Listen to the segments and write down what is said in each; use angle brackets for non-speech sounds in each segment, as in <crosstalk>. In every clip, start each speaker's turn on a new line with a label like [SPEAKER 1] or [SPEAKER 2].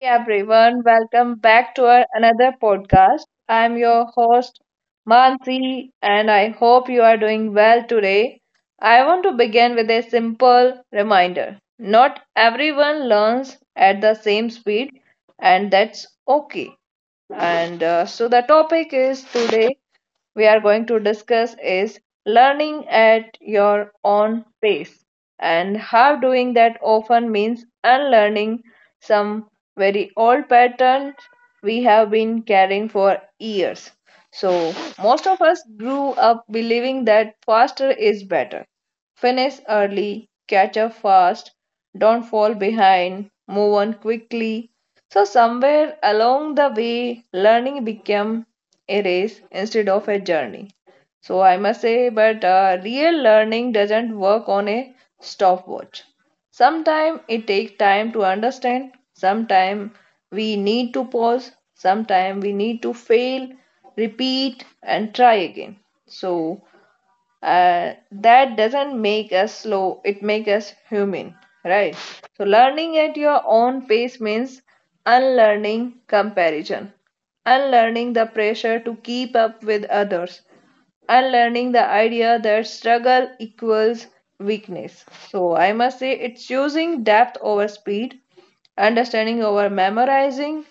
[SPEAKER 1] Hey everyone, welcome back to our another podcast. I'm your host Mansi, and I hope you are doing well today. I want to begin with a simple reminder. Not everyone learns at the same speed, and that's okay. And so the topic is today we are going to discuss is learning at your own pace, and how doing that often means unlearning some very old patterns we have been carrying for years. So most of us grew up believing that faster is better. Finish early, catch up fast, don't fall behind, move on quickly. So, somewhere along the way, learning became a race instead of a journey. So, I must say, but real learning doesn't work on a stopwatch. Sometimes it takes time to understand, sometimes we need to pause, sometimes we need to fail, repeat, and try again. So, that doesn't make us slow, it makes us human, right? So learning at your own pace means unlearning comparison, unlearning the pressure to keep up with others, unlearning the idea that struggle equals weakness. So I must say, it's choosing depth over speed, understanding over memorizing,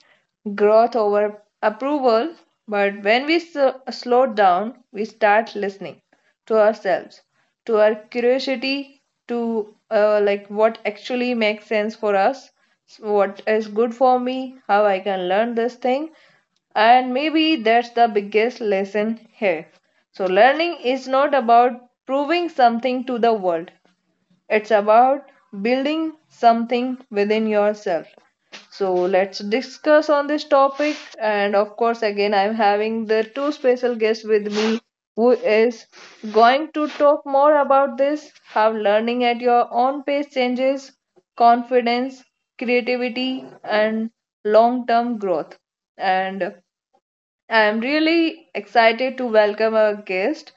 [SPEAKER 1] growth over approval. But when we slow down, we start listening to ourselves, to our curiosity, to like what actually makes sense for us, what is good for me, how I can learn this thing. And maybe that's the biggest lesson here. So, learning is not about proving something to the world, it's about building something within yourself. So let's discuss on this topic. And of course, again, I'm having the two special guests with me who is going to talk more about this, how learning at your own pace changes confidence, creativity, and long-term growth. And I'm really excited to welcome our guest,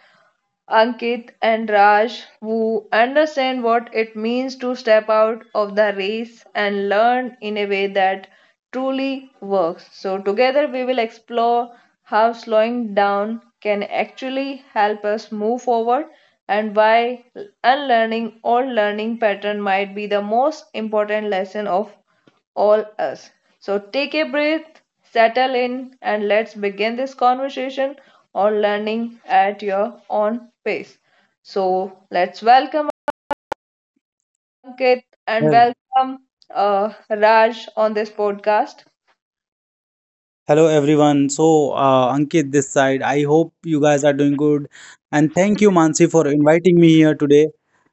[SPEAKER 1] Ankit and Raj, who understand what it means to step out of the race and learn in a way that truly works. So, together we will explore how slowing down can actually help us move forward, and why unlearning old learning pattern might be the most important lesson of all us. So take a breath, settle in, and let's begin this conversation on learning at your own pace. So let's welcome Ankit, and
[SPEAKER 2] Well,
[SPEAKER 1] welcome Raj on this podcast.
[SPEAKER 2] hello everyone. Ankit this side. I hope you guys are doing good. And thank you, Mansi, for inviting me here today.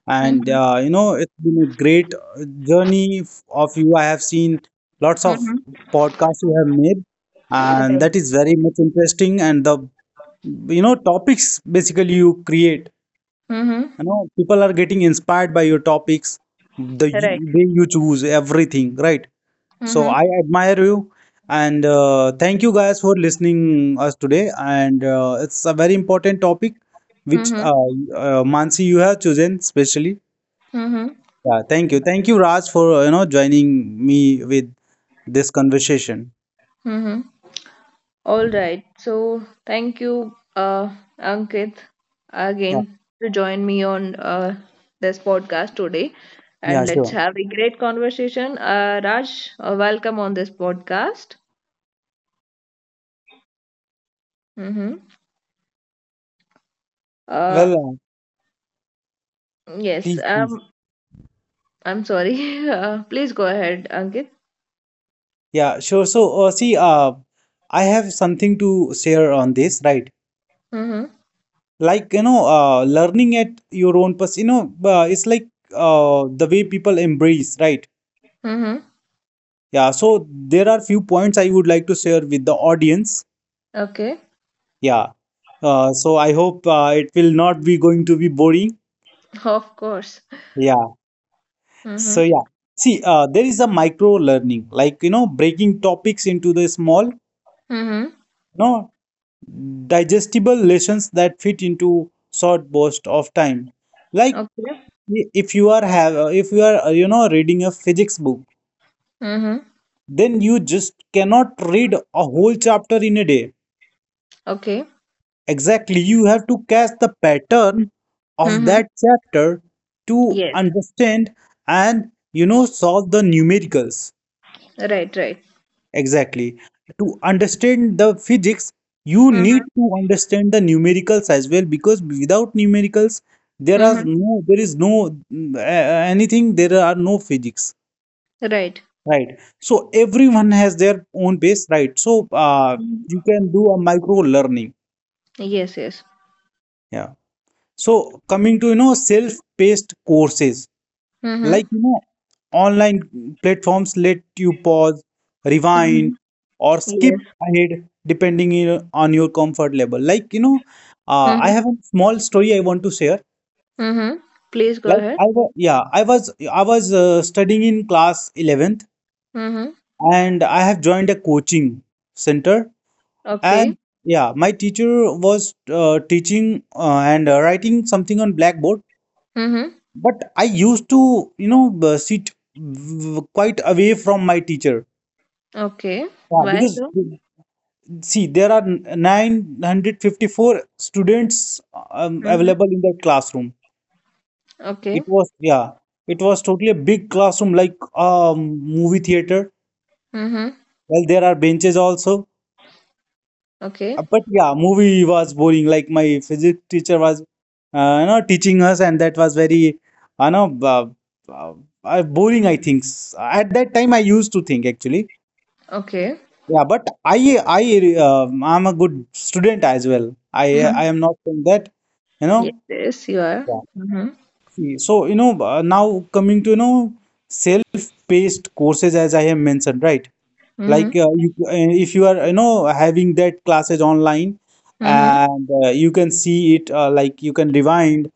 [SPEAKER 1] Mm-hmm.
[SPEAKER 2] It's been a great journey of you. I have seen lots of
[SPEAKER 1] Mm-hmm.
[SPEAKER 2] podcasts you have made, and
[SPEAKER 1] Right.
[SPEAKER 2] that is very much interesting. And the topics basically you create.
[SPEAKER 1] Mm-hmm.
[SPEAKER 2] You know, people are getting inspired by your topics, the
[SPEAKER 1] Right.
[SPEAKER 2] way you choose everything, right? So
[SPEAKER 1] Mm-hmm.
[SPEAKER 2] I admire you and thank you guys for listening us today. And it's a very important topic which
[SPEAKER 1] Mm-hmm.
[SPEAKER 2] Mansi you have chosen specially.
[SPEAKER 1] Mm-hmm.
[SPEAKER 2] Yeah, thank you. Thank you, Raj, for joining me with this conversation.
[SPEAKER 1] Mm-hmm. All right. So thank you, Ankit,
[SPEAKER 2] Yeah,
[SPEAKER 1] again to join me on this podcast today,
[SPEAKER 2] yeah,
[SPEAKER 1] and let's
[SPEAKER 2] sure.
[SPEAKER 1] have a great conversation. Raj, welcome on this podcast. Mm-hmm. Uh,
[SPEAKER 2] Well,
[SPEAKER 1] yes.
[SPEAKER 2] please, please.
[SPEAKER 1] I'm sorry. <laughs> Please go ahead, Ankit.
[SPEAKER 2] Yeah, sure. See, I have something to share on this, right?
[SPEAKER 1] Mm-hmm.
[SPEAKER 2] Like, learning at your own pace, it's like the way people embrace, right?
[SPEAKER 1] Mm-hmm.
[SPEAKER 2] Yeah, so there are few points I would like to share with the audience.
[SPEAKER 1] Okay.
[SPEAKER 2] Yeah. So I hope it will not be going to be boring.
[SPEAKER 1] Of course.
[SPEAKER 2] Yeah. So
[SPEAKER 1] Mm-hmm.
[SPEAKER 2] yeah. See, there is a micro learning, like you know, breaking topics into the small,
[SPEAKER 1] Mm-hmm.
[SPEAKER 2] no, digestible lessons that fit into short burst of time. Like
[SPEAKER 1] Okay.
[SPEAKER 2] if you are have if you are reading a physics book,
[SPEAKER 1] Mm-hmm.
[SPEAKER 2] then you just cannot read a whole chapter in a day.
[SPEAKER 1] Okay.
[SPEAKER 2] Exactly, you have to catch the pattern of
[SPEAKER 1] Mm-hmm.
[SPEAKER 2] that chapter to
[SPEAKER 1] Yes.
[SPEAKER 2] understand and you know solve the numericals.
[SPEAKER 1] Right. Right.
[SPEAKER 2] Exactly. To understand the physics, you
[SPEAKER 1] Mm-hmm.
[SPEAKER 2] need to understand the numericals as well because without numericals, there are
[SPEAKER 1] Mm-hmm.
[SPEAKER 2] no there is no anything, there are no physics.
[SPEAKER 1] Right.
[SPEAKER 2] Right. So everyone has their own base, right? So
[SPEAKER 1] Mm-hmm.
[SPEAKER 2] you can do a micro learning.
[SPEAKER 1] Yes, yes.
[SPEAKER 2] Yeah. So coming to you know self-paced courses like
[SPEAKER 1] Mm-hmm.
[SPEAKER 2] you know online platforms let you pause,
[SPEAKER 1] Mm-hmm.
[SPEAKER 2] rewind, or skip
[SPEAKER 1] Yes.
[SPEAKER 2] ahead depending on your comfort level. Like you know,
[SPEAKER 1] Mm-hmm.
[SPEAKER 2] I have a small story I want to share.
[SPEAKER 1] Mm-hmm. Please go
[SPEAKER 2] Like
[SPEAKER 1] ahead.
[SPEAKER 2] I was, yeah, I was studying in class 11th
[SPEAKER 1] Mm-hmm.
[SPEAKER 2] and I have joined a coaching center
[SPEAKER 1] Okay.
[SPEAKER 2] and yeah, my teacher was teaching and writing something on blackboard.
[SPEAKER 1] Mm-hmm.
[SPEAKER 2] But I used to, you know, sit quite away from my teacher.
[SPEAKER 1] Okay.
[SPEAKER 2] Yeah,
[SPEAKER 1] Why
[SPEAKER 2] because
[SPEAKER 1] so?
[SPEAKER 2] see, there are 954 students
[SPEAKER 1] Mm-hmm.
[SPEAKER 2] available in that classroom.
[SPEAKER 1] Okay.
[SPEAKER 2] It was, yeah, it was totally a big classroom like movie theater.
[SPEAKER 1] Mm-hmm.
[SPEAKER 2] Well, there are benches also.
[SPEAKER 1] Okay.
[SPEAKER 2] But yeah, movie was boring. Like my physics teacher was, you know, teaching us, and that was very, you know, uh, boring, I think. At that time, I used to think actually.
[SPEAKER 1] Okay.
[SPEAKER 2] Yeah, but I I'm a good student as well. I
[SPEAKER 1] Mm-hmm.
[SPEAKER 2] I am not saying that, you
[SPEAKER 1] Yes,
[SPEAKER 2] know.
[SPEAKER 1] yes, you are.
[SPEAKER 2] Yeah.
[SPEAKER 1] Mm-hmm.
[SPEAKER 2] See, so, now coming to, you know, self-paced courses as I have mentioned, right? Like
[SPEAKER 1] Mm-hmm.
[SPEAKER 2] you, if you are, you know, having that classes online
[SPEAKER 1] Mm-hmm.
[SPEAKER 2] and you can see it like you can rewind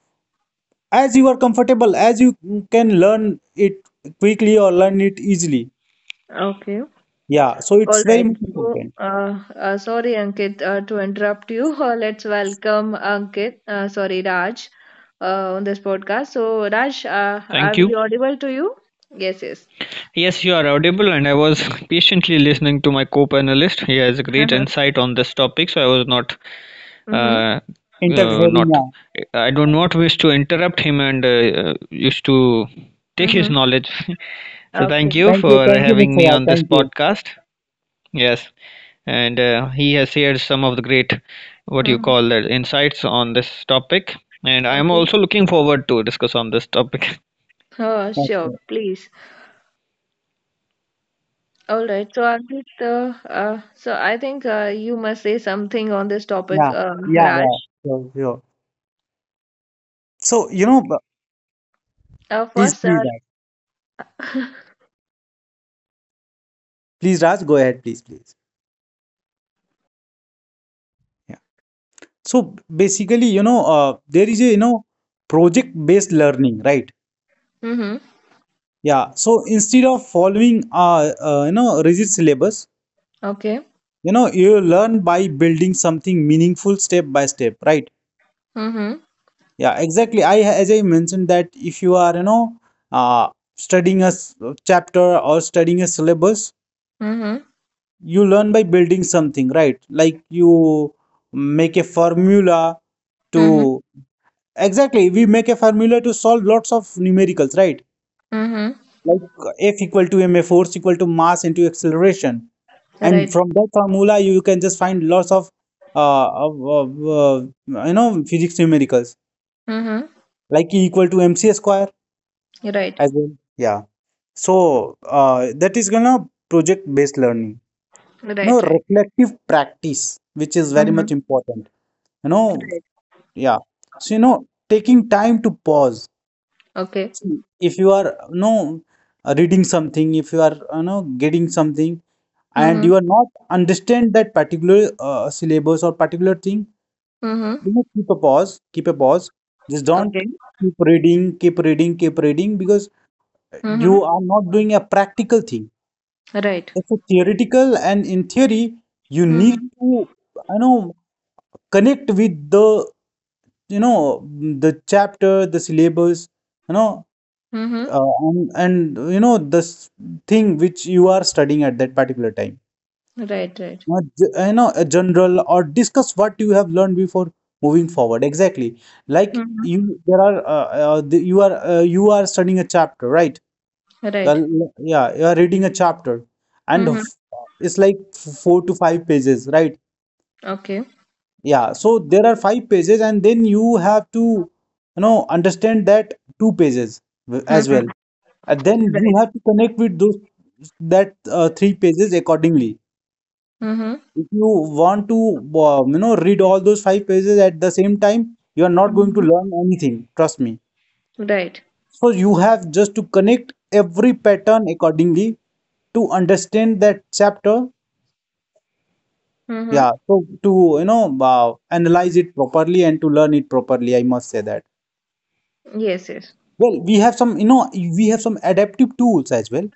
[SPEAKER 2] as you are comfortable, as you can learn it quickly or learn it easily.
[SPEAKER 1] Okay.
[SPEAKER 2] Yeah, so
[SPEAKER 1] All
[SPEAKER 2] it's very
[SPEAKER 1] right.
[SPEAKER 2] much
[SPEAKER 1] So,
[SPEAKER 2] important.
[SPEAKER 1] sorry, Ankit, to interrupt you. <laughs> Let's welcome Ankit. Sorry, Raj, on this podcast. So, Raj,
[SPEAKER 3] Thank
[SPEAKER 1] are
[SPEAKER 3] you.
[SPEAKER 1] we audible to you? Yes, yes.
[SPEAKER 3] Yes, you are audible, and I was patiently listening to my co-panelist. He has great
[SPEAKER 1] <laughs>
[SPEAKER 3] insight on this topic, so I was
[SPEAKER 1] Mm-hmm.
[SPEAKER 3] uh, uh,
[SPEAKER 2] Interfering,
[SPEAKER 3] not,
[SPEAKER 2] yeah.
[SPEAKER 3] I do not wish to interrupt him and used to take his
[SPEAKER 1] Mm-hmm.
[SPEAKER 3] knowledge. <laughs> So thank
[SPEAKER 1] Okay.
[SPEAKER 3] you for
[SPEAKER 2] Thank you,
[SPEAKER 3] having
[SPEAKER 2] Mr.
[SPEAKER 3] me
[SPEAKER 2] Rao.
[SPEAKER 3] on this
[SPEAKER 2] Thank you.
[SPEAKER 3] podcast. Yes, and he has shared some of the great, what you
[SPEAKER 1] Mm,
[SPEAKER 3] call that, insights on this topic, and I am
[SPEAKER 1] okay.
[SPEAKER 3] also looking forward to discuss on this topic. <laughs>
[SPEAKER 1] Oh, sure.
[SPEAKER 2] Okay.
[SPEAKER 1] Please. All right. So, Ankit, so I think you must say something on this topic,
[SPEAKER 2] Yeah, yeah,
[SPEAKER 1] Raj.
[SPEAKER 2] yeah. Sure, sure. So, please,
[SPEAKER 1] First,
[SPEAKER 2] please, Raj.
[SPEAKER 1] <laughs>
[SPEAKER 2] Please, Raj, go ahead, please, please. Yeah. So basically, there is a, you know, project-based learning, right?
[SPEAKER 1] mm-hmm.
[SPEAKER 2] Yeah. So instead of following, you know, rigid syllabus,
[SPEAKER 1] Okay.
[SPEAKER 2] you know, you learn by building something meaningful step by step, right?
[SPEAKER 1] Mm-hmm.
[SPEAKER 2] Yeah, exactly. I, as I mentioned that if you are, you know, uh, studying a chapter or studying a syllabus,
[SPEAKER 1] Mm-hmm.
[SPEAKER 2] you learn by building something, right? Like you make a formula
[SPEAKER 1] Mm-hmm.
[SPEAKER 2] to, exactly, we make a formula to solve lots of numericals, right?
[SPEAKER 1] Mm-hmm.
[SPEAKER 2] Like f equal to ma, force equal to mass into acceleration, and
[SPEAKER 1] Right.
[SPEAKER 2] from that formula you can just find lots of you know physics numericals
[SPEAKER 1] Mm-hmm.
[SPEAKER 2] like e equal to mc square
[SPEAKER 1] Right.
[SPEAKER 2] as well. Yeah, so that is gonna project based learning, you know,
[SPEAKER 1] Right. Right.
[SPEAKER 2] reflective practice, which is very
[SPEAKER 1] Mm-hmm.
[SPEAKER 2] much important, you know.
[SPEAKER 1] Right.
[SPEAKER 2] Yeah, so you know taking time to pause.
[SPEAKER 1] Okay.
[SPEAKER 2] See, if you are you know reading something, if you are you know getting something and
[SPEAKER 1] Mm-hmm.
[SPEAKER 2] you are not understand that particular syllabus or particular thing,
[SPEAKER 1] Mm-hmm.
[SPEAKER 2] you know keep a pause, keep a pause, just don't
[SPEAKER 1] Okay.
[SPEAKER 2] keep reading, keep reading, keep reading, because
[SPEAKER 1] Mm-hmm.
[SPEAKER 2] you are not doing a practical thing,
[SPEAKER 1] Right.
[SPEAKER 2] it's a theoretical and in theory you need
[SPEAKER 1] Mm-hmm.
[SPEAKER 2] to you know connect with the you know the chapter, the syllabus, you know
[SPEAKER 1] Mm-hmm.
[SPEAKER 2] uh, and, and you know this thing which you are studying at that particular time,
[SPEAKER 1] Right. Right.
[SPEAKER 2] not you know a general or discuss what you have learned before moving forward. Exactly, like
[SPEAKER 1] Mm-hmm.
[SPEAKER 2] you, there are you are you are studying a chapter, right?
[SPEAKER 1] Right.
[SPEAKER 2] Yeah, you are reading a chapter and
[SPEAKER 1] Mm-hmm.
[SPEAKER 2] it's like four to five pages, right?
[SPEAKER 1] Okay.
[SPEAKER 2] Yeah, so there are five pages, and then you have to, you know, understand that two pages as well.
[SPEAKER 1] Mm-hmm.
[SPEAKER 2] And then
[SPEAKER 1] Right.
[SPEAKER 2] you have to connect with those that three pages accordingly.
[SPEAKER 1] Mm-hmm.
[SPEAKER 2] If you want to, you know, read all those five pages at the same time, you are not going to
[SPEAKER 1] Mm-hmm.
[SPEAKER 2] learn anything, trust me.
[SPEAKER 1] Right.
[SPEAKER 2] So you have just to connect every pattern accordingly to understand that chapter.
[SPEAKER 1] Mm-hmm.
[SPEAKER 2] Yeah, so to, analyze it properly and to learn it properly, I must say that.
[SPEAKER 1] Yes, yes.
[SPEAKER 2] Well, we have some, you know, we have some adaptive tools as well.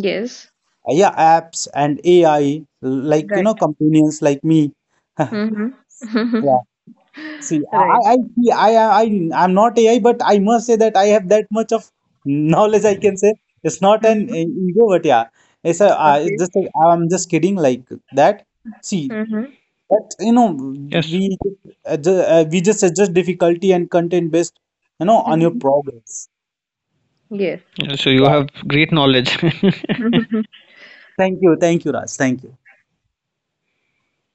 [SPEAKER 1] Yes.
[SPEAKER 2] Yeah, apps and AI, like, you
[SPEAKER 1] Right.
[SPEAKER 2] know, companions like me. <laughs>
[SPEAKER 1] Mm-hmm. <laughs>
[SPEAKER 2] Yeah. See,
[SPEAKER 1] Right.
[SPEAKER 2] I I'm not AI, but I must say that I have that much of knowledge. I can say it's not an
[SPEAKER 1] Mm-hmm.
[SPEAKER 2] ego, but yeah, it's a, it's
[SPEAKER 1] Okay.
[SPEAKER 2] just like, I'm just kidding like that. See,
[SPEAKER 1] Mm-hmm.
[SPEAKER 2] that you know,
[SPEAKER 3] Yes.
[SPEAKER 2] we we just adjust difficulty and content based, you know, on your
[SPEAKER 1] Mm-hmm.
[SPEAKER 2] progress.
[SPEAKER 1] Yes.
[SPEAKER 3] So you
[SPEAKER 2] Yeah.
[SPEAKER 3] have great knowledge.
[SPEAKER 1] <laughs>
[SPEAKER 2] Thank you, Raj. Thank you.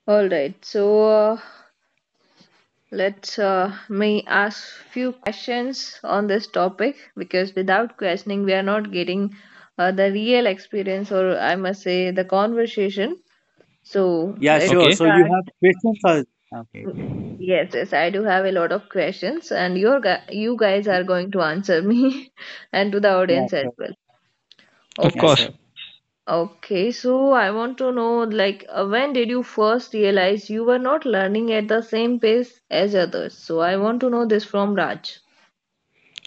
[SPEAKER 1] All right. So uh, let's may ask few questions on this topic, because without questioning we are not getting the real experience, or I must say the conversation. So
[SPEAKER 2] Yeah,
[SPEAKER 3] <laughs>
[SPEAKER 1] let's
[SPEAKER 2] sure. So
[SPEAKER 3] Okay.
[SPEAKER 2] you
[SPEAKER 1] start.
[SPEAKER 2] have questions or okay, okay.
[SPEAKER 1] Yes, yes, I do have a lot of questions, and your you guys are going to answer me <laughs> and to the
[SPEAKER 2] Yeah,
[SPEAKER 1] audience as
[SPEAKER 2] sure.
[SPEAKER 1] well.
[SPEAKER 3] Of
[SPEAKER 2] Yeah,
[SPEAKER 1] Okay,
[SPEAKER 3] course.
[SPEAKER 2] sure.
[SPEAKER 1] okay. So I want to know, like, when did you first realize you were not learning at the same pace as others? So I want to know this from Raj.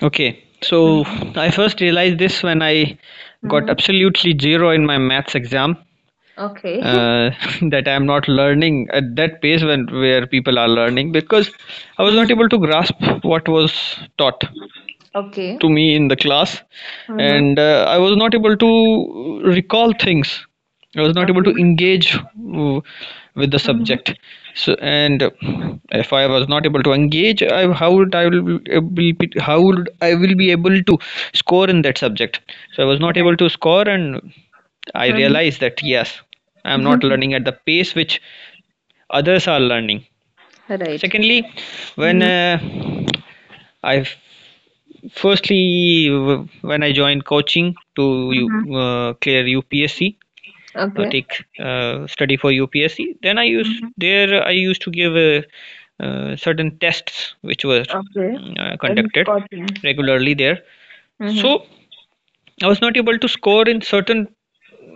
[SPEAKER 3] Okay. So
[SPEAKER 1] Mm-hmm.
[SPEAKER 3] I first realized this when I got
[SPEAKER 1] Mm-hmm.
[SPEAKER 3] absolutely zero in my maths exam.
[SPEAKER 1] Okay. <laughs>
[SPEAKER 3] Uh, <laughs> that I am not learning at that pace when where people are learning because I was not
[SPEAKER 1] Mm-hmm.
[SPEAKER 3] able to grasp what was taught
[SPEAKER 1] Okay.
[SPEAKER 3] to me in the class,
[SPEAKER 1] Mm-hmm.
[SPEAKER 3] and I was not able to recall things. I was not able to
[SPEAKER 1] Okay.
[SPEAKER 3] engage with the
[SPEAKER 1] Mm-hmm.
[SPEAKER 3] subject. So, and if I was not able to engage, how would I will be able to score in that subject? So I was not
[SPEAKER 1] Right.
[SPEAKER 3] able to score, and I
[SPEAKER 1] Mm-hmm.
[SPEAKER 3] realized that yes, I am not learning at the pace which others are learning.
[SPEAKER 1] <laughs> Right.
[SPEAKER 3] Secondly, when
[SPEAKER 1] Mm-hmm.
[SPEAKER 3] I Firstly, when I joined coaching to
[SPEAKER 1] Mm-hmm.
[SPEAKER 3] clear UPSC,
[SPEAKER 1] Okay.
[SPEAKER 3] take study for UPSC, then
[SPEAKER 1] Mm-hmm.
[SPEAKER 3] I used to give certain tests which were
[SPEAKER 1] Okay. And
[SPEAKER 3] conducted
[SPEAKER 1] cotton.
[SPEAKER 3] regularly there.
[SPEAKER 1] Mm-hmm.
[SPEAKER 3] So I was not able to score in certain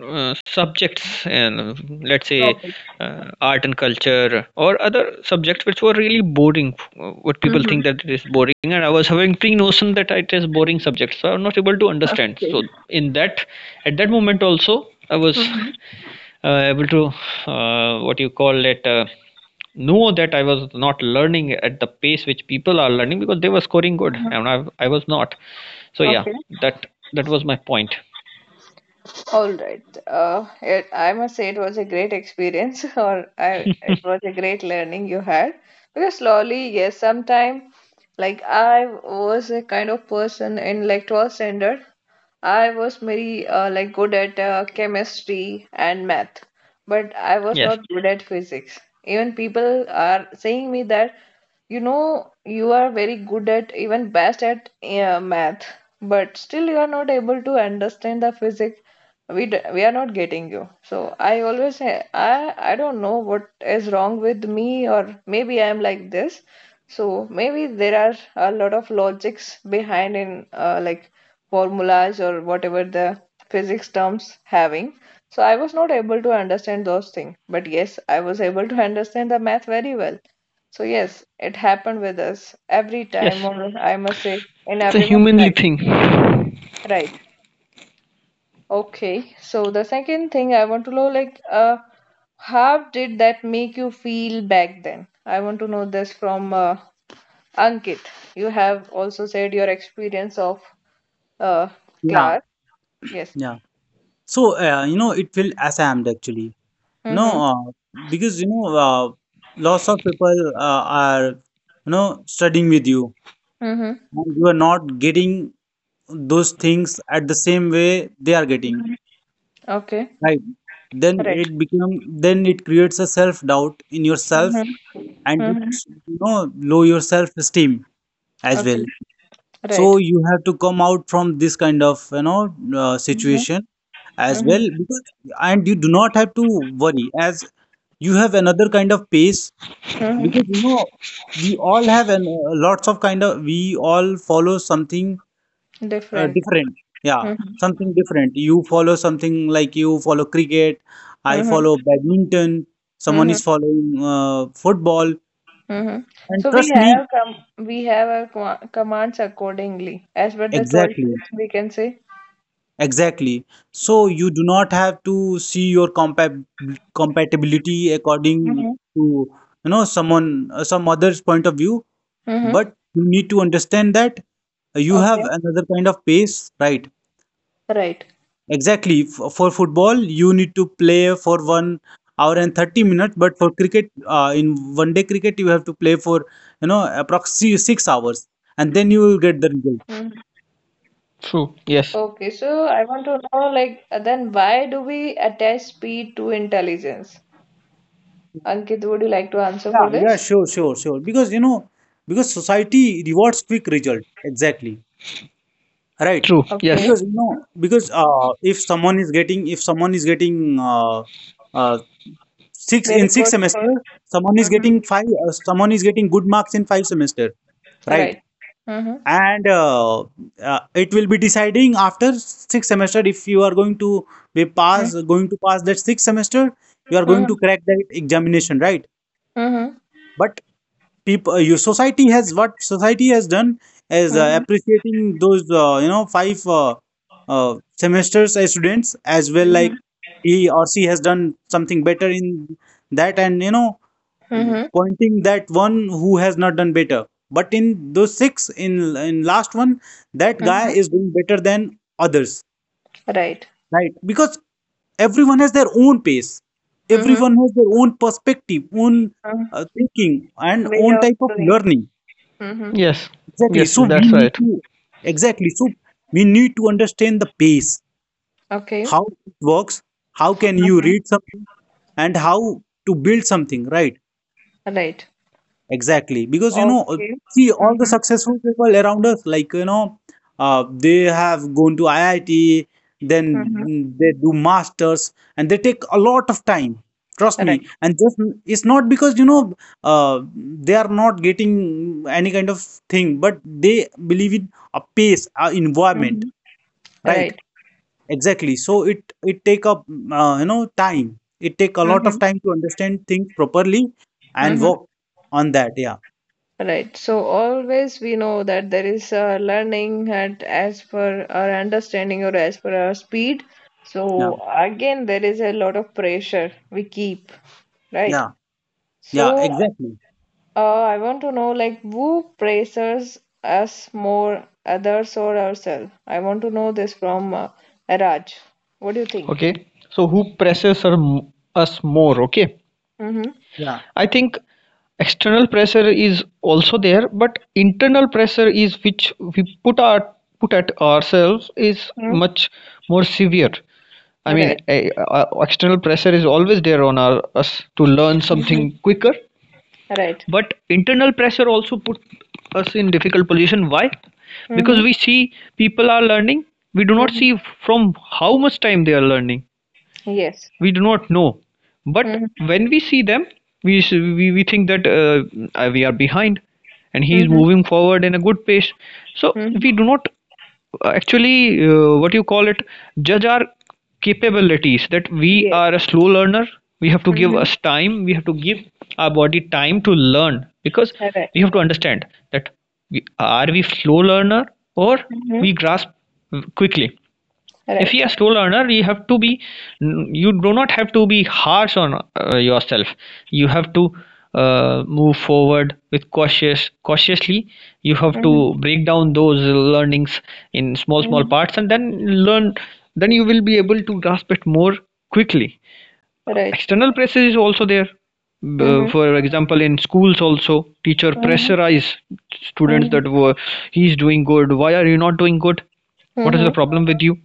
[SPEAKER 3] subjects, and let's say
[SPEAKER 1] Okay.
[SPEAKER 3] art and culture or other subjects which were really boring. What people
[SPEAKER 1] Mm-hmm.
[SPEAKER 3] think that it is boring, and I was having pre-notion that it is boring subjects, so I'm not able to understand.
[SPEAKER 1] Okay.
[SPEAKER 3] So in that, at that moment also, I was
[SPEAKER 1] Mm-hmm.
[SPEAKER 3] able to what you call it. Know that I was not learning at the pace which people are learning because they were scoring good
[SPEAKER 1] Mm-hmm.
[SPEAKER 3] and I was not. So yeah,
[SPEAKER 1] Okay.
[SPEAKER 3] that that was my point.
[SPEAKER 1] All right. It, I must say it was a great experience, <laughs> or I it was a great learning you had. Because slowly, yes, sometime like I was a kind of person in like 12th standard. I was very like good at chemistry and math, but I was
[SPEAKER 3] Yes.
[SPEAKER 1] not good at physics. Even people are saying me that, you know, you are very good at, even best at math, but still you are not able to understand the physics. We are not getting you. So I always say I don't know what is wrong with me, or maybe I am like this. So maybe there are a lot of logics behind in like formulas, or whatever the physics terms having. So I was not able to understand those things. But yes, I was able to understand the math very well. So yes, it happened with us every time,
[SPEAKER 3] Yes.
[SPEAKER 1] or I must say, in
[SPEAKER 3] It's a
[SPEAKER 1] everyone's
[SPEAKER 3] humanly
[SPEAKER 1] life.
[SPEAKER 3] thing.
[SPEAKER 1] Right. Okay. So the second thing I want to know, like, how did that make you feel back then? I want to know this from Ankit. You have also said your experience of uh,
[SPEAKER 2] Yeah,
[SPEAKER 1] class. Yes.
[SPEAKER 2] yeah. So you know, it will ashamed actually. You know,
[SPEAKER 1] Mm-hmm.
[SPEAKER 2] because you know, lots of people are you know studying with you,
[SPEAKER 1] Mm-hmm.
[SPEAKER 2] and you are not getting those things at the same way they are getting,
[SPEAKER 1] Okay.
[SPEAKER 2] right? Then
[SPEAKER 1] Right.
[SPEAKER 2] it become, then it creates a self doubt in yourself,
[SPEAKER 1] Mm-hmm.
[SPEAKER 2] and
[SPEAKER 1] Mm-hmm.
[SPEAKER 2] it's you know low your self esteem as
[SPEAKER 1] Okay.
[SPEAKER 2] well. So
[SPEAKER 1] Right.
[SPEAKER 2] you have to come out from this kind of you know
[SPEAKER 1] Mm-hmm.
[SPEAKER 2] situation as
[SPEAKER 1] Mm-hmm.
[SPEAKER 2] well, because and you do not have to worry as you have another kind of pace,
[SPEAKER 1] Mm-hmm.
[SPEAKER 2] because you know we all have an, lots of kind of, we all follow something
[SPEAKER 1] Different.
[SPEAKER 2] different, yeah,
[SPEAKER 1] Mm-hmm.
[SPEAKER 2] something different. You follow something like you follow cricket, I
[SPEAKER 1] Mm-hmm.
[SPEAKER 2] follow badminton, someone
[SPEAKER 1] Mm-hmm.
[SPEAKER 2] is following football,
[SPEAKER 1] Mm-hmm.
[SPEAKER 2] and
[SPEAKER 1] So
[SPEAKER 2] trust me
[SPEAKER 1] we have our commands accordingly as per the
[SPEAKER 2] exactly.
[SPEAKER 1] choices, we can say.
[SPEAKER 2] Exactly. So you do not have to see your compab compatibility according
[SPEAKER 1] Mm-hmm.
[SPEAKER 2] to you know someone some other's point of view,
[SPEAKER 1] Mm-hmm.
[SPEAKER 2] but you need to understand that you have
[SPEAKER 1] Okay.
[SPEAKER 2] another kind of pace, right?
[SPEAKER 1] Right.
[SPEAKER 2] Exactly. For football, you need to play for 1 hour and 30 minutes, but for cricket, in one day cricket, you have to play for you know approximately 6 hours, and then you will get the result.
[SPEAKER 1] Mhm.
[SPEAKER 3] True. Yes.
[SPEAKER 1] Okay. So I want to know, like, then why do we attach speed to intelligence? Ankit, would you like to answer
[SPEAKER 2] Yeah,
[SPEAKER 1] for
[SPEAKER 2] yeah,
[SPEAKER 1] this?
[SPEAKER 2] sure, sure, sure. Because you know, because society rewards quick result. Exactly. Right.
[SPEAKER 3] True. Yes.
[SPEAKER 2] Because
[SPEAKER 1] Okay.
[SPEAKER 2] you know,
[SPEAKER 1] Mhm.
[SPEAKER 2] because if someone is getting, if someone is getting uh, six
[SPEAKER 1] Very
[SPEAKER 2] in six
[SPEAKER 1] good. Sir.
[SPEAKER 2] semester, someone is
[SPEAKER 1] Mm-hmm.
[SPEAKER 2] getting five, someone is getting good marks in five semester, right?
[SPEAKER 1] Right. Mm-hmm.
[SPEAKER 2] And it will be deciding after six semester if you are going to be pass, going to pass that six semester, you are going
[SPEAKER 1] Mm-hmm.
[SPEAKER 2] to crack that examination, right?
[SPEAKER 1] Mm-hmm.
[SPEAKER 2] But people you society, has what society has done is
[SPEAKER 1] Mhm,
[SPEAKER 2] appreciating those you know five semesters as students as well,
[SPEAKER 1] mhm,
[SPEAKER 2] like he or she has done something better in that and you know
[SPEAKER 1] mhm,
[SPEAKER 2] pointing that one who has not done better, but in those six in last one, that guy
[SPEAKER 1] mhm.
[SPEAKER 2] is doing better than others,
[SPEAKER 1] Right.
[SPEAKER 2] right? Because everyone has their own pace,
[SPEAKER 1] Mhm,
[SPEAKER 2] everyone has their own perspective, own
[SPEAKER 1] mhm.
[SPEAKER 2] thinking and
[SPEAKER 1] Way
[SPEAKER 2] own
[SPEAKER 1] of
[SPEAKER 2] type of
[SPEAKER 1] doing.
[SPEAKER 2] learning.
[SPEAKER 1] Mhm.
[SPEAKER 3] Yes.
[SPEAKER 2] Exactly.
[SPEAKER 3] Yes.
[SPEAKER 2] So we
[SPEAKER 3] That's
[SPEAKER 2] need
[SPEAKER 3] right.
[SPEAKER 2] to exactly. So we need to understand the pace,
[SPEAKER 1] Okay.
[SPEAKER 2] how it works, how can you
[SPEAKER 1] Mhm.
[SPEAKER 2] read something, and how to build something, right?
[SPEAKER 1] Right.
[SPEAKER 2] Exactly, because you know,
[SPEAKER 1] Okay.
[SPEAKER 2] see all the
[SPEAKER 1] Mhm,
[SPEAKER 2] successful people around us, like you know, they have gone to IIT, then
[SPEAKER 1] mhm.
[SPEAKER 2] mm, they do masters, and they take a lot of time. Trust
[SPEAKER 1] Right.
[SPEAKER 2] me, and just it's not because they are not getting any kind of thing, but they believe in a pace, a environment,
[SPEAKER 1] Mhm.
[SPEAKER 2] right?
[SPEAKER 1] Right.
[SPEAKER 2] Exactly. So it take up time. It take a lot of
[SPEAKER 1] Mhm,
[SPEAKER 2] time to understand things properly and
[SPEAKER 1] mhm.
[SPEAKER 2] work on that. Yeah.
[SPEAKER 1] Right. So always we know that there is a learning at as per our understanding, or as per our speed.
[SPEAKER 2] Yeah.
[SPEAKER 1] So again, there is a lot of pressure we keep, right?
[SPEAKER 2] Yeah, yeah,
[SPEAKER 1] So
[SPEAKER 2] exactly.
[SPEAKER 1] I want to know, like, who praises us more, others or ourselves? I want to know this from Raj. What do you think?
[SPEAKER 3] Okay. So who presses us more? Okay.
[SPEAKER 1] Mm-hmm.
[SPEAKER 2] Yeah.
[SPEAKER 3] I think external pressure is also there, but internal pressure is which we put at ourselves is
[SPEAKER 1] Mm-hmm.
[SPEAKER 3] much more severe. I mean,
[SPEAKER 1] Right.
[SPEAKER 3] external pressure is always there on us to learn
[SPEAKER 1] Mm-hmm.
[SPEAKER 3] something quicker.
[SPEAKER 1] Right.
[SPEAKER 3] But internal pressure also put us in difficult position. Why?
[SPEAKER 1] Mm-hmm.
[SPEAKER 3] Because we see people are learning. We do not
[SPEAKER 1] Mm-hmm.
[SPEAKER 3] see from how much time they are learning,
[SPEAKER 1] Yes.
[SPEAKER 3] we do not know. But
[SPEAKER 1] Mm-hmm.
[SPEAKER 3] when we see them, we think that we are behind and he is
[SPEAKER 1] Mm-hmm.
[SPEAKER 3] moving forward in a good pace. So we
[SPEAKER 1] Mm-hmm.
[SPEAKER 3] do not actually what you call it, judge our capabilities, that we are a
[SPEAKER 1] Yes.
[SPEAKER 3] slow learner. We have to give
[SPEAKER 1] Mm-hmm.
[SPEAKER 3] us time. We have to give our body time to learn, because
[SPEAKER 1] Right.
[SPEAKER 3] we have to understand that are we slow learner or we
[SPEAKER 1] Mm-hmm.
[SPEAKER 3] grasp quickly. If you
[SPEAKER 1] Right.
[SPEAKER 3] are a slow learner, you do not have to be harsh on yourself. You have to move forward with cautiously. You have to
[SPEAKER 1] Mm-hmm.
[SPEAKER 3] break down those learnings in small small
[SPEAKER 1] Mm-hmm.
[SPEAKER 3] parts and then learn, then you will be able to grasp it more quickly.
[SPEAKER 1] Right.
[SPEAKER 3] External pressure is also there,
[SPEAKER 1] Mm-hmm.
[SPEAKER 3] for example, in schools also teacher
[SPEAKER 1] Mm-hmm.
[SPEAKER 3] pressurize students
[SPEAKER 1] Mm-hmm.
[SPEAKER 3] that were he's doing good, why are you not doing good? What is
[SPEAKER 1] Mm-hmm.
[SPEAKER 3] the problem with you?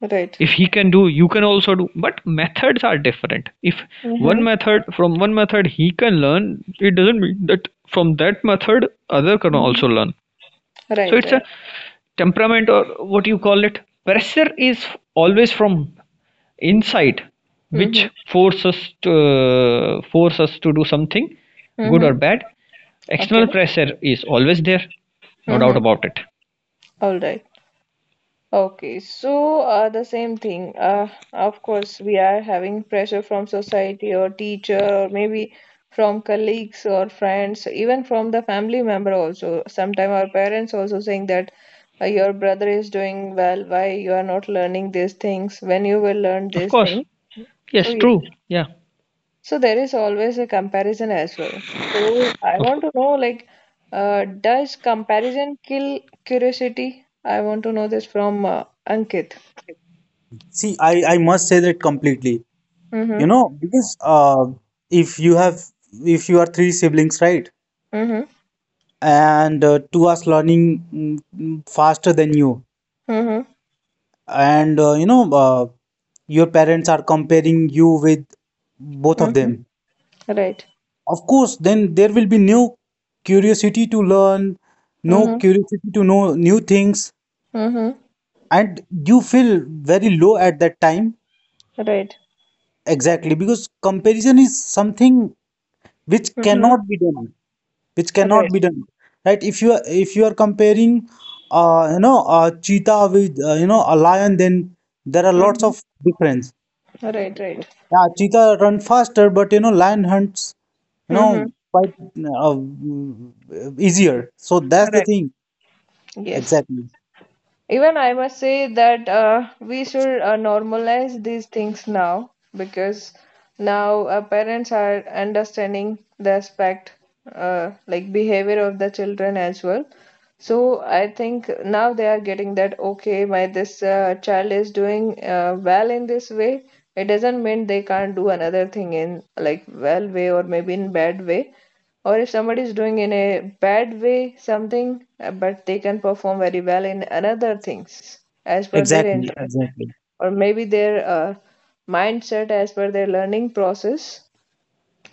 [SPEAKER 1] Right.
[SPEAKER 3] If he can do, you can also do. But methods are different. If one
[SPEAKER 1] Mm-hmm.
[SPEAKER 3] method he can learn, it doesn't mean that from that method other can
[SPEAKER 1] Mm-hmm.
[SPEAKER 3] also learn. So
[SPEAKER 1] Right.
[SPEAKER 3] it's a
[SPEAKER 1] Right.
[SPEAKER 3] temperament or what you call it, pressure is always from inside which
[SPEAKER 1] Mm-hmm.
[SPEAKER 3] forces us to force us to do something good
[SPEAKER 1] Mm-hmm.
[SPEAKER 3] or bad.
[SPEAKER 1] Okay.
[SPEAKER 3] External pressure is always there, no doubt
[SPEAKER 1] Mm-hmm.
[SPEAKER 3] about it.
[SPEAKER 1] All right. Okay, so the same thing. Of course, we are having pressure from society or teacher, or maybe from colleagues or friends, even from the family member also. Sometimes our parents also saying that, your brother is doing well, why you are not learning these things? When you will learn
[SPEAKER 3] Of
[SPEAKER 1] these
[SPEAKER 3] course.
[SPEAKER 1] things? So
[SPEAKER 3] Yes.
[SPEAKER 1] yes,
[SPEAKER 3] True. Yeah.
[SPEAKER 1] so there is always a comparison as well. So I
[SPEAKER 3] of,
[SPEAKER 1] want to know, like, does comparison kill curiosity? I want to know this from Ankit.
[SPEAKER 2] See, I must say that completely. You
[SPEAKER 1] Mhm.
[SPEAKER 2] know, because if you have, if you are three siblings, right,
[SPEAKER 1] Mhm.
[SPEAKER 2] and two are learning faster than you,
[SPEAKER 1] Mhm.
[SPEAKER 2] and your parents are comparing you with both of
[SPEAKER 1] Mhm.
[SPEAKER 2] them.
[SPEAKER 1] Right.
[SPEAKER 2] Of course, then there will be no curiosity to learn, no
[SPEAKER 1] Mhm.
[SPEAKER 2] curiosity to know new things,
[SPEAKER 1] Mhm.
[SPEAKER 2] and you feel very low at that time.
[SPEAKER 1] Right.
[SPEAKER 2] Exactly, because comparison is something which
[SPEAKER 1] Mhm.
[SPEAKER 2] cannot be done, which cannot
[SPEAKER 1] Right.
[SPEAKER 2] be done, right? If you are comparing, a cheetah with a lion, then there are lots
[SPEAKER 1] Mhm.
[SPEAKER 2] of difference.
[SPEAKER 1] Right. Right.
[SPEAKER 2] Yeah, cheetah run faster, but you know, lion hunts, you
[SPEAKER 1] Mhm.
[SPEAKER 2] know, quite easier. So that's the
[SPEAKER 1] Right.
[SPEAKER 2] thing.
[SPEAKER 1] Yes.
[SPEAKER 2] Exactly,
[SPEAKER 1] Even I must say that we should normalize these things now, because now parents are understanding the aspect, like behavior of the children as well. So I think now they are getting that, okay, my this child is doing well in this way. It doesn't mean they can't do another thing in like well way, or maybe in bad way. Or if somebody is doing in a bad way something, but they can perform very well in another things as per their
[SPEAKER 2] exactly,
[SPEAKER 1] interest,
[SPEAKER 2] exactly.
[SPEAKER 1] or maybe their mindset, as per their learning process.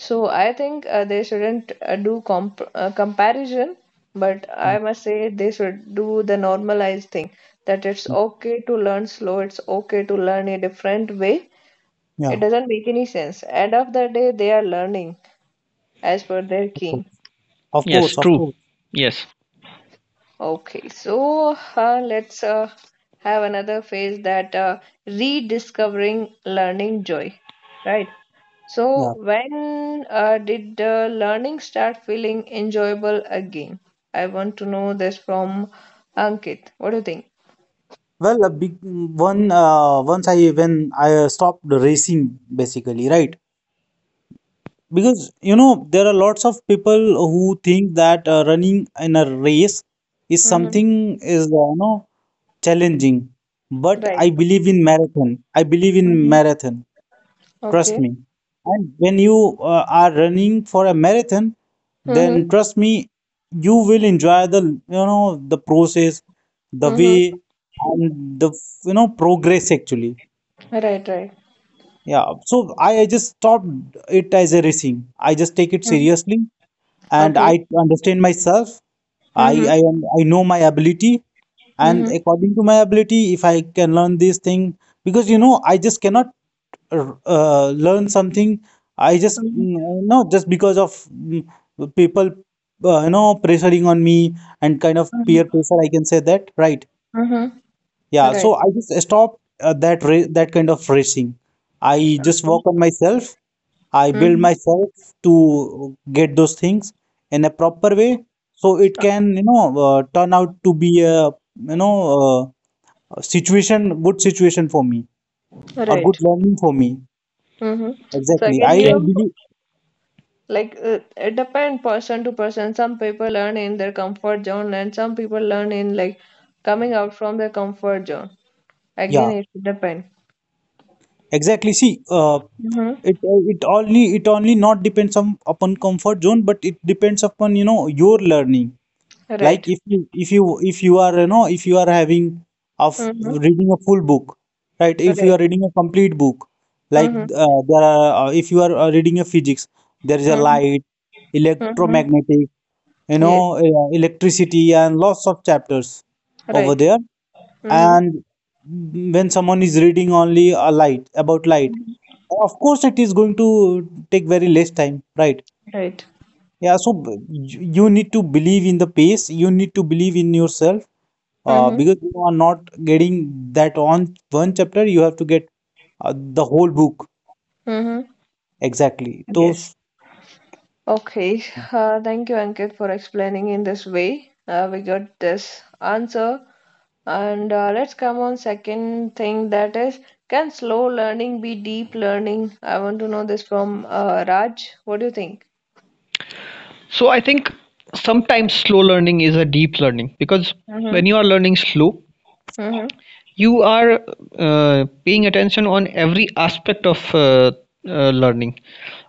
[SPEAKER 1] So I think they shouldn't do comparison, but
[SPEAKER 2] Yeah,
[SPEAKER 1] I must say they should do the normalized thing that it's
[SPEAKER 2] yeah,
[SPEAKER 1] okay to learn slow, it's okay to learn a different way. It
[SPEAKER 2] yeah,
[SPEAKER 1] doesn't make any sense. End of the day, they are learning as per their
[SPEAKER 2] of course,
[SPEAKER 1] key.
[SPEAKER 2] of
[SPEAKER 3] yes.
[SPEAKER 2] course, of
[SPEAKER 3] True.
[SPEAKER 2] course.
[SPEAKER 3] Yes.
[SPEAKER 1] Okay, so let's have another phase, that rediscovering learning joy, right? So,
[SPEAKER 2] Yeah.
[SPEAKER 1] when did learning start feeling enjoyable again? I want to know this from Ankit. What do you think?
[SPEAKER 2] Well, a big one. Once I when I stopped racing, basically, right? Because you know there are lots of people who think that running in a race is
[SPEAKER 1] Mm-hmm.
[SPEAKER 2] something is challenging, but
[SPEAKER 1] Right.
[SPEAKER 2] I believe in marathon. I believe in
[SPEAKER 1] Mm-hmm.
[SPEAKER 2] marathon. Trust
[SPEAKER 1] Okay.
[SPEAKER 2] me. And when you are running for a marathon,
[SPEAKER 1] Mm-hmm.
[SPEAKER 2] then trust me, you will enjoy the the process, the
[SPEAKER 1] Mm-hmm.
[SPEAKER 2] way, and the progress actually.
[SPEAKER 1] Right, right.
[SPEAKER 2] Yeah, so I just stopped it as a racing. I just take it
[SPEAKER 1] Mm-hmm.
[SPEAKER 2] seriously and
[SPEAKER 1] Okay.
[SPEAKER 2] I understand myself. I,
[SPEAKER 1] Mm-hmm.
[SPEAKER 2] I am- I know my ability and
[SPEAKER 1] Mm-hmm.
[SPEAKER 2] according to my ability, if I can learn this thing, because you know, I just cannot learn something. I just no, no, just because of mm, people, pressuring on me and kind of peer
[SPEAKER 1] Mm-hmm.
[SPEAKER 2] pressure. I can say that, right?
[SPEAKER 1] Mm-hmm.
[SPEAKER 2] Yeah,
[SPEAKER 1] Right.
[SPEAKER 2] so I just stopped that kind of racing. I just
[SPEAKER 1] Okay.
[SPEAKER 2] work on myself. I build
[SPEAKER 1] Mm-hmm.
[SPEAKER 2] myself to get those things in a proper way, so it can, turn out to be a, you know, a situation, good situation for me or good
[SPEAKER 1] Right.
[SPEAKER 2] learning for me.
[SPEAKER 1] Mm-hmm. So
[SPEAKER 2] Exactly. I,
[SPEAKER 1] again,
[SPEAKER 2] I
[SPEAKER 3] Okay.
[SPEAKER 1] you,
[SPEAKER 2] believe,
[SPEAKER 1] like it depends person to person. Some people learn in their comfort zone, and some people learn in like coming out from their comfort zone. Again,
[SPEAKER 2] yeah,
[SPEAKER 1] it depends.
[SPEAKER 2] exactly. See,
[SPEAKER 1] Mm-hmm.
[SPEAKER 2] it only not depends on upon comfort zone, but it depends upon, you know, your learning. Like
[SPEAKER 1] Right.
[SPEAKER 2] if you if you if you are you know if you are having of
[SPEAKER 1] Mm-hmm.
[SPEAKER 2] reading a full book, right? If you
[SPEAKER 1] Right.
[SPEAKER 2] are reading a complete book, like
[SPEAKER 1] Mm-hmm.
[SPEAKER 2] there are if you are reading a physics, there is a
[SPEAKER 1] Mm-hmm.
[SPEAKER 2] light,
[SPEAKER 1] Mm-hmm.
[SPEAKER 2] electromagnetic, you know,
[SPEAKER 1] Yes.
[SPEAKER 2] electricity and lots of chapters over
[SPEAKER 1] Right.
[SPEAKER 2] there.
[SPEAKER 1] Mm-hmm.
[SPEAKER 2] And when someone is reading only a light, about light, of course it is going to take very less time, right?
[SPEAKER 1] Right.
[SPEAKER 2] Yeah. So you need to believe in the pace, you need to believe in yourself,
[SPEAKER 1] Mm-hmm.
[SPEAKER 2] because you are not getting that on one chapter, you have to get the whole book.
[SPEAKER 1] Mm-hmm.
[SPEAKER 2] Exactly
[SPEAKER 1] Yes.
[SPEAKER 2] those,
[SPEAKER 1] Okay, thank you, Ankit, for explaining in this way. We got this answer. And let's come on second thing, that is, can slow learning be deep learning? I want to know this from Raj. What do you think?
[SPEAKER 3] So I think sometimes slow learning is a deep learning, because when
[SPEAKER 1] Mm-hmm.
[SPEAKER 3] you are learning slow,
[SPEAKER 1] Mm-hmm.
[SPEAKER 3] you are paying attention on every aspect of learning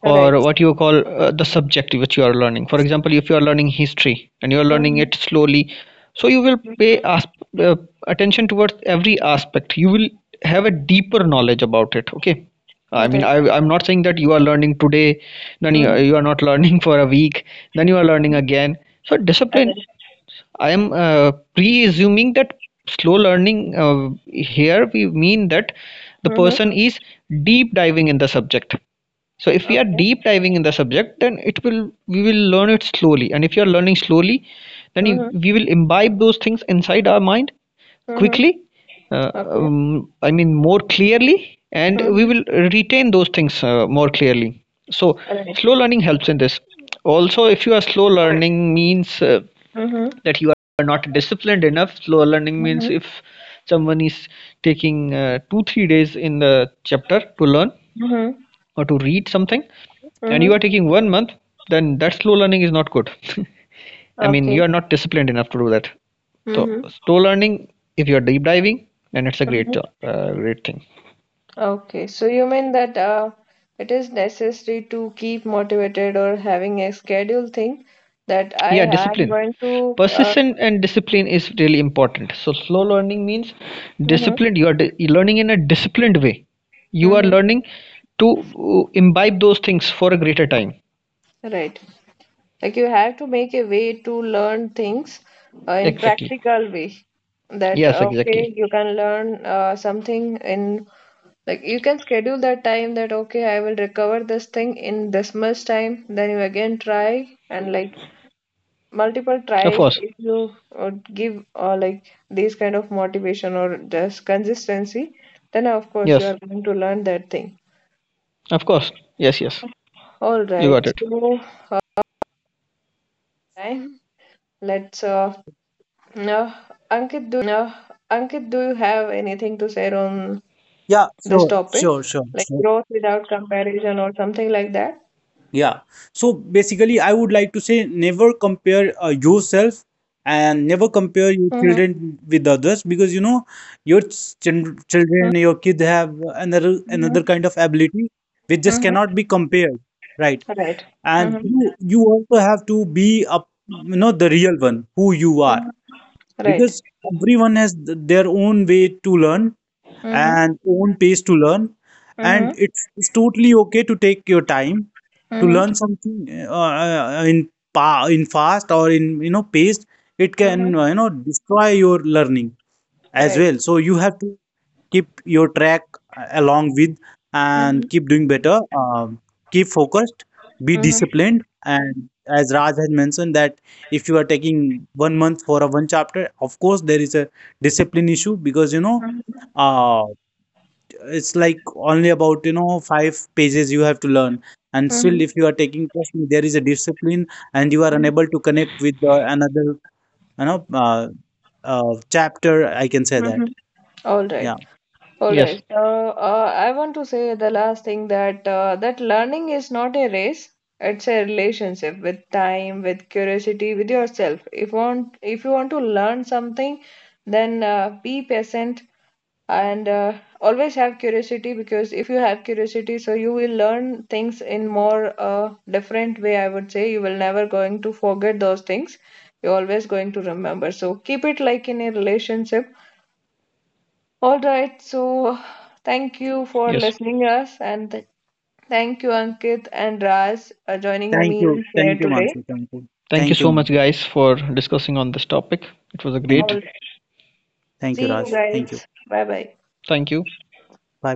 [SPEAKER 1] All right.
[SPEAKER 3] or what you call the subject which you are learning. For example, if you are learning history and you are learning
[SPEAKER 1] Mm-hmm.
[SPEAKER 3] it slowly, so you will pay uh, attention towards every aspect. You will have a deeper knowledge about it. Okay,
[SPEAKER 1] All
[SPEAKER 3] I mean,
[SPEAKER 1] right.
[SPEAKER 3] I'm not saying that you are learning today, then
[SPEAKER 1] Mm-hmm.
[SPEAKER 3] you are not <laughs> learning for a week, then you are learning again. So,
[SPEAKER 1] All
[SPEAKER 3] discipline,
[SPEAKER 1] right.
[SPEAKER 3] I am pre-assuming that slow learning here we mean that the
[SPEAKER 1] Mm-hmm.
[SPEAKER 3] person is deep diving in the subject. So if we are
[SPEAKER 1] Okay.
[SPEAKER 3] deep diving in the subject, then it will we will learn it slowly. And if you are learning slowly, then
[SPEAKER 1] Mm-hmm.
[SPEAKER 3] we will imbibe those things inside our mind
[SPEAKER 1] Mm-hmm.
[SPEAKER 3] quickly.
[SPEAKER 1] Okay.
[SPEAKER 3] I mean more clearly, and we
[SPEAKER 1] Mm-hmm.
[SPEAKER 3] will retain those things more clearly. So
[SPEAKER 1] All right.
[SPEAKER 3] slow learning helps in this. Also, if you are slow learning means
[SPEAKER 1] Mm-hmm.
[SPEAKER 3] that you are not disciplined enough. Slower learning means
[SPEAKER 1] Mm-hmm.
[SPEAKER 3] if someone is taking 2 3 days in the chapter to learn
[SPEAKER 1] Mm-hmm.
[SPEAKER 3] or to read something and you
[SPEAKER 1] Mm-hmm.
[SPEAKER 3] are taking 1 month, then that slow learning is not good. <laughs> I mean,
[SPEAKER 1] Okay.
[SPEAKER 3] you are not disciplined enough to do that. So
[SPEAKER 1] Mm-hmm.
[SPEAKER 3] slow learning, if you are deep diving, then it's a great thing.
[SPEAKER 1] Okay, so you mean that it is necessary to keep motivated, or having a schedule thing, that I
[SPEAKER 3] Yeah,
[SPEAKER 1] am
[SPEAKER 3] discipline.
[SPEAKER 1] going to,
[SPEAKER 3] Persistence and discipline is really important. So slow learning means
[SPEAKER 1] hmm,
[SPEAKER 3] disciplined. You are you're learning in a disciplined way. You are
[SPEAKER 1] hmm,
[SPEAKER 3] learning to imbibe those things for a greater time.
[SPEAKER 1] right. Like you have to make a way to learn things in
[SPEAKER 3] Exactly.
[SPEAKER 1] practical way. That,
[SPEAKER 3] Yes,
[SPEAKER 1] okay,
[SPEAKER 3] exactly.
[SPEAKER 1] you can learn something in like, you can schedule that time that, okay, I will recover this thing in this much time. Then you again try, and like multiple
[SPEAKER 3] Of
[SPEAKER 1] tries.
[SPEAKER 3] course.
[SPEAKER 1] If you give like this kind of motivation, or just consistency, then of course you
[SPEAKER 3] Yes.
[SPEAKER 1] are going to learn that thing.
[SPEAKER 3] Of course. Yes, yes.
[SPEAKER 1] All
[SPEAKER 3] You got
[SPEAKER 1] right,
[SPEAKER 3] it.
[SPEAKER 1] so uh, time, let's now, Ankit, do you have anything to say on
[SPEAKER 2] yeah,
[SPEAKER 1] this
[SPEAKER 2] sure,
[SPEAKER 1] topic,
[SPEAKER 2] sure, sure,
[SPEAKER 1] like
[SPEAKER 2] sure.
[SPEAKER 1] growth without comparison or something like that?
[SPEAKER 2] Yeah, so basically I would like to say, never compare yourself and never compare your
[SPEAKER 1] Mm-hmm,
[SPEAKER 2] children with others, because you know, your children,
[SPEAKER 1] mm-hmm,
[SPEAKER 2] your kids, have another
[SPEAKER 1] mm-hmm,
[SPEAKER 2] kind of ability which just
[SPEAKER 1] mm-hmm.
[SPEAKER 2] cannot be compared, right?
[SPEAKER 1] Right.
[SPEAKER 2] And
[SPEAKER 1] Mm-hmm,
[SPEAKER 2] you also have to be a, you know, the real one who you are,
[SPEAKER 1] mm-hmm. Right.
[SPEAKER 2] because everyone has their own way to learn
[SPEAKER 1] Mm-hmm,
[SPEAKER 2] and own pace to learn,
[SPEAKER 1] mm-hmm,
[SPEAKER 2] and it's totally okay to take your time to
[SPEAKER 1] mm-hmm,
[SPEAKER 2] learn something in fast or in you know pace, it
[SPEAKER 1] mm-hmm.
[SPEAKER 2] can destroy your learning as
[SPEAKER 1] Right.
[SPEAKER 2] well. So you have to keep your track along with
[SPEAKER 1] Mm-hmm,
[SPEAKER 2] and keep doing better. Keep focused, be
[SPEAKER 1] mm-hmm,
[SPEAKER 2] disciplined, and as Raj has mentioned, that if you are taking one month for a one chapter, of course there is a discipline issue, because you know
[SPEAKER 1] mm-hmm.
[SPEAKER 2] uh, it's like only about, you know, 5 pages you have to learn, and
[SPEAKER 1] Mm-hmm.
[SPEAKER 2] still if you are taking, trust me, there is a discipline and you are unable to connect with another, you know uh, chapter, I can say
[SPEAKER 1] Mhm.
[SPEAKER 2] that.
[SPEAKER 1] All right,
[SPEAKER 2] Yeah.
[SPEAKER 1] all
[SPEAKER 3] Yes.
[SPEAKER 1] right. So I want to say the last thing, that that learning is not a race. It's a relationship with time, with curiosity, with yourself. If you want to learn something, then be patient, and always have curiosity. Because if you have curiosity, so you will learn things in more different way. I would say you will never going to forget those things. You're always going to remember. So keep it like in a relationship. All right, so thank you for
[SPEAKER 3] Yes.
[SPEAKER 1] listening us, and thank you, Ankit and Raj, joining
[SPEAKER 2] Thank you.
[SPEAKER 1] me
[SPEAKER 2] Thank
[SPEAKER 1] here
[SPEAKER 2] you,
[SPEAKER 1] today.
[SPEAKER 2] Mansi. Thank you.
[SPEAKER 3] Thank you
[SPEAKER 2] Thank you,
[SPEAKER 3] so
[SPEAKER 2] Mansi.
[SPEAKER 3] much guys for discussing on this topic. It was a
[SPEAKER 2] Thank
[SPEAKER 3] great.
[SPEAKER 2] you.
[SPEAKER 1] Alright,
[SPEAKER 2] Thank you,
[SPEAKER 1] see you
[SPEAKER 2] Raj. Thank you.
[SPEAKER 1] guys. Bye bye.
[SPEAKER 3] Thank you.
[SPEAKER 2] Bye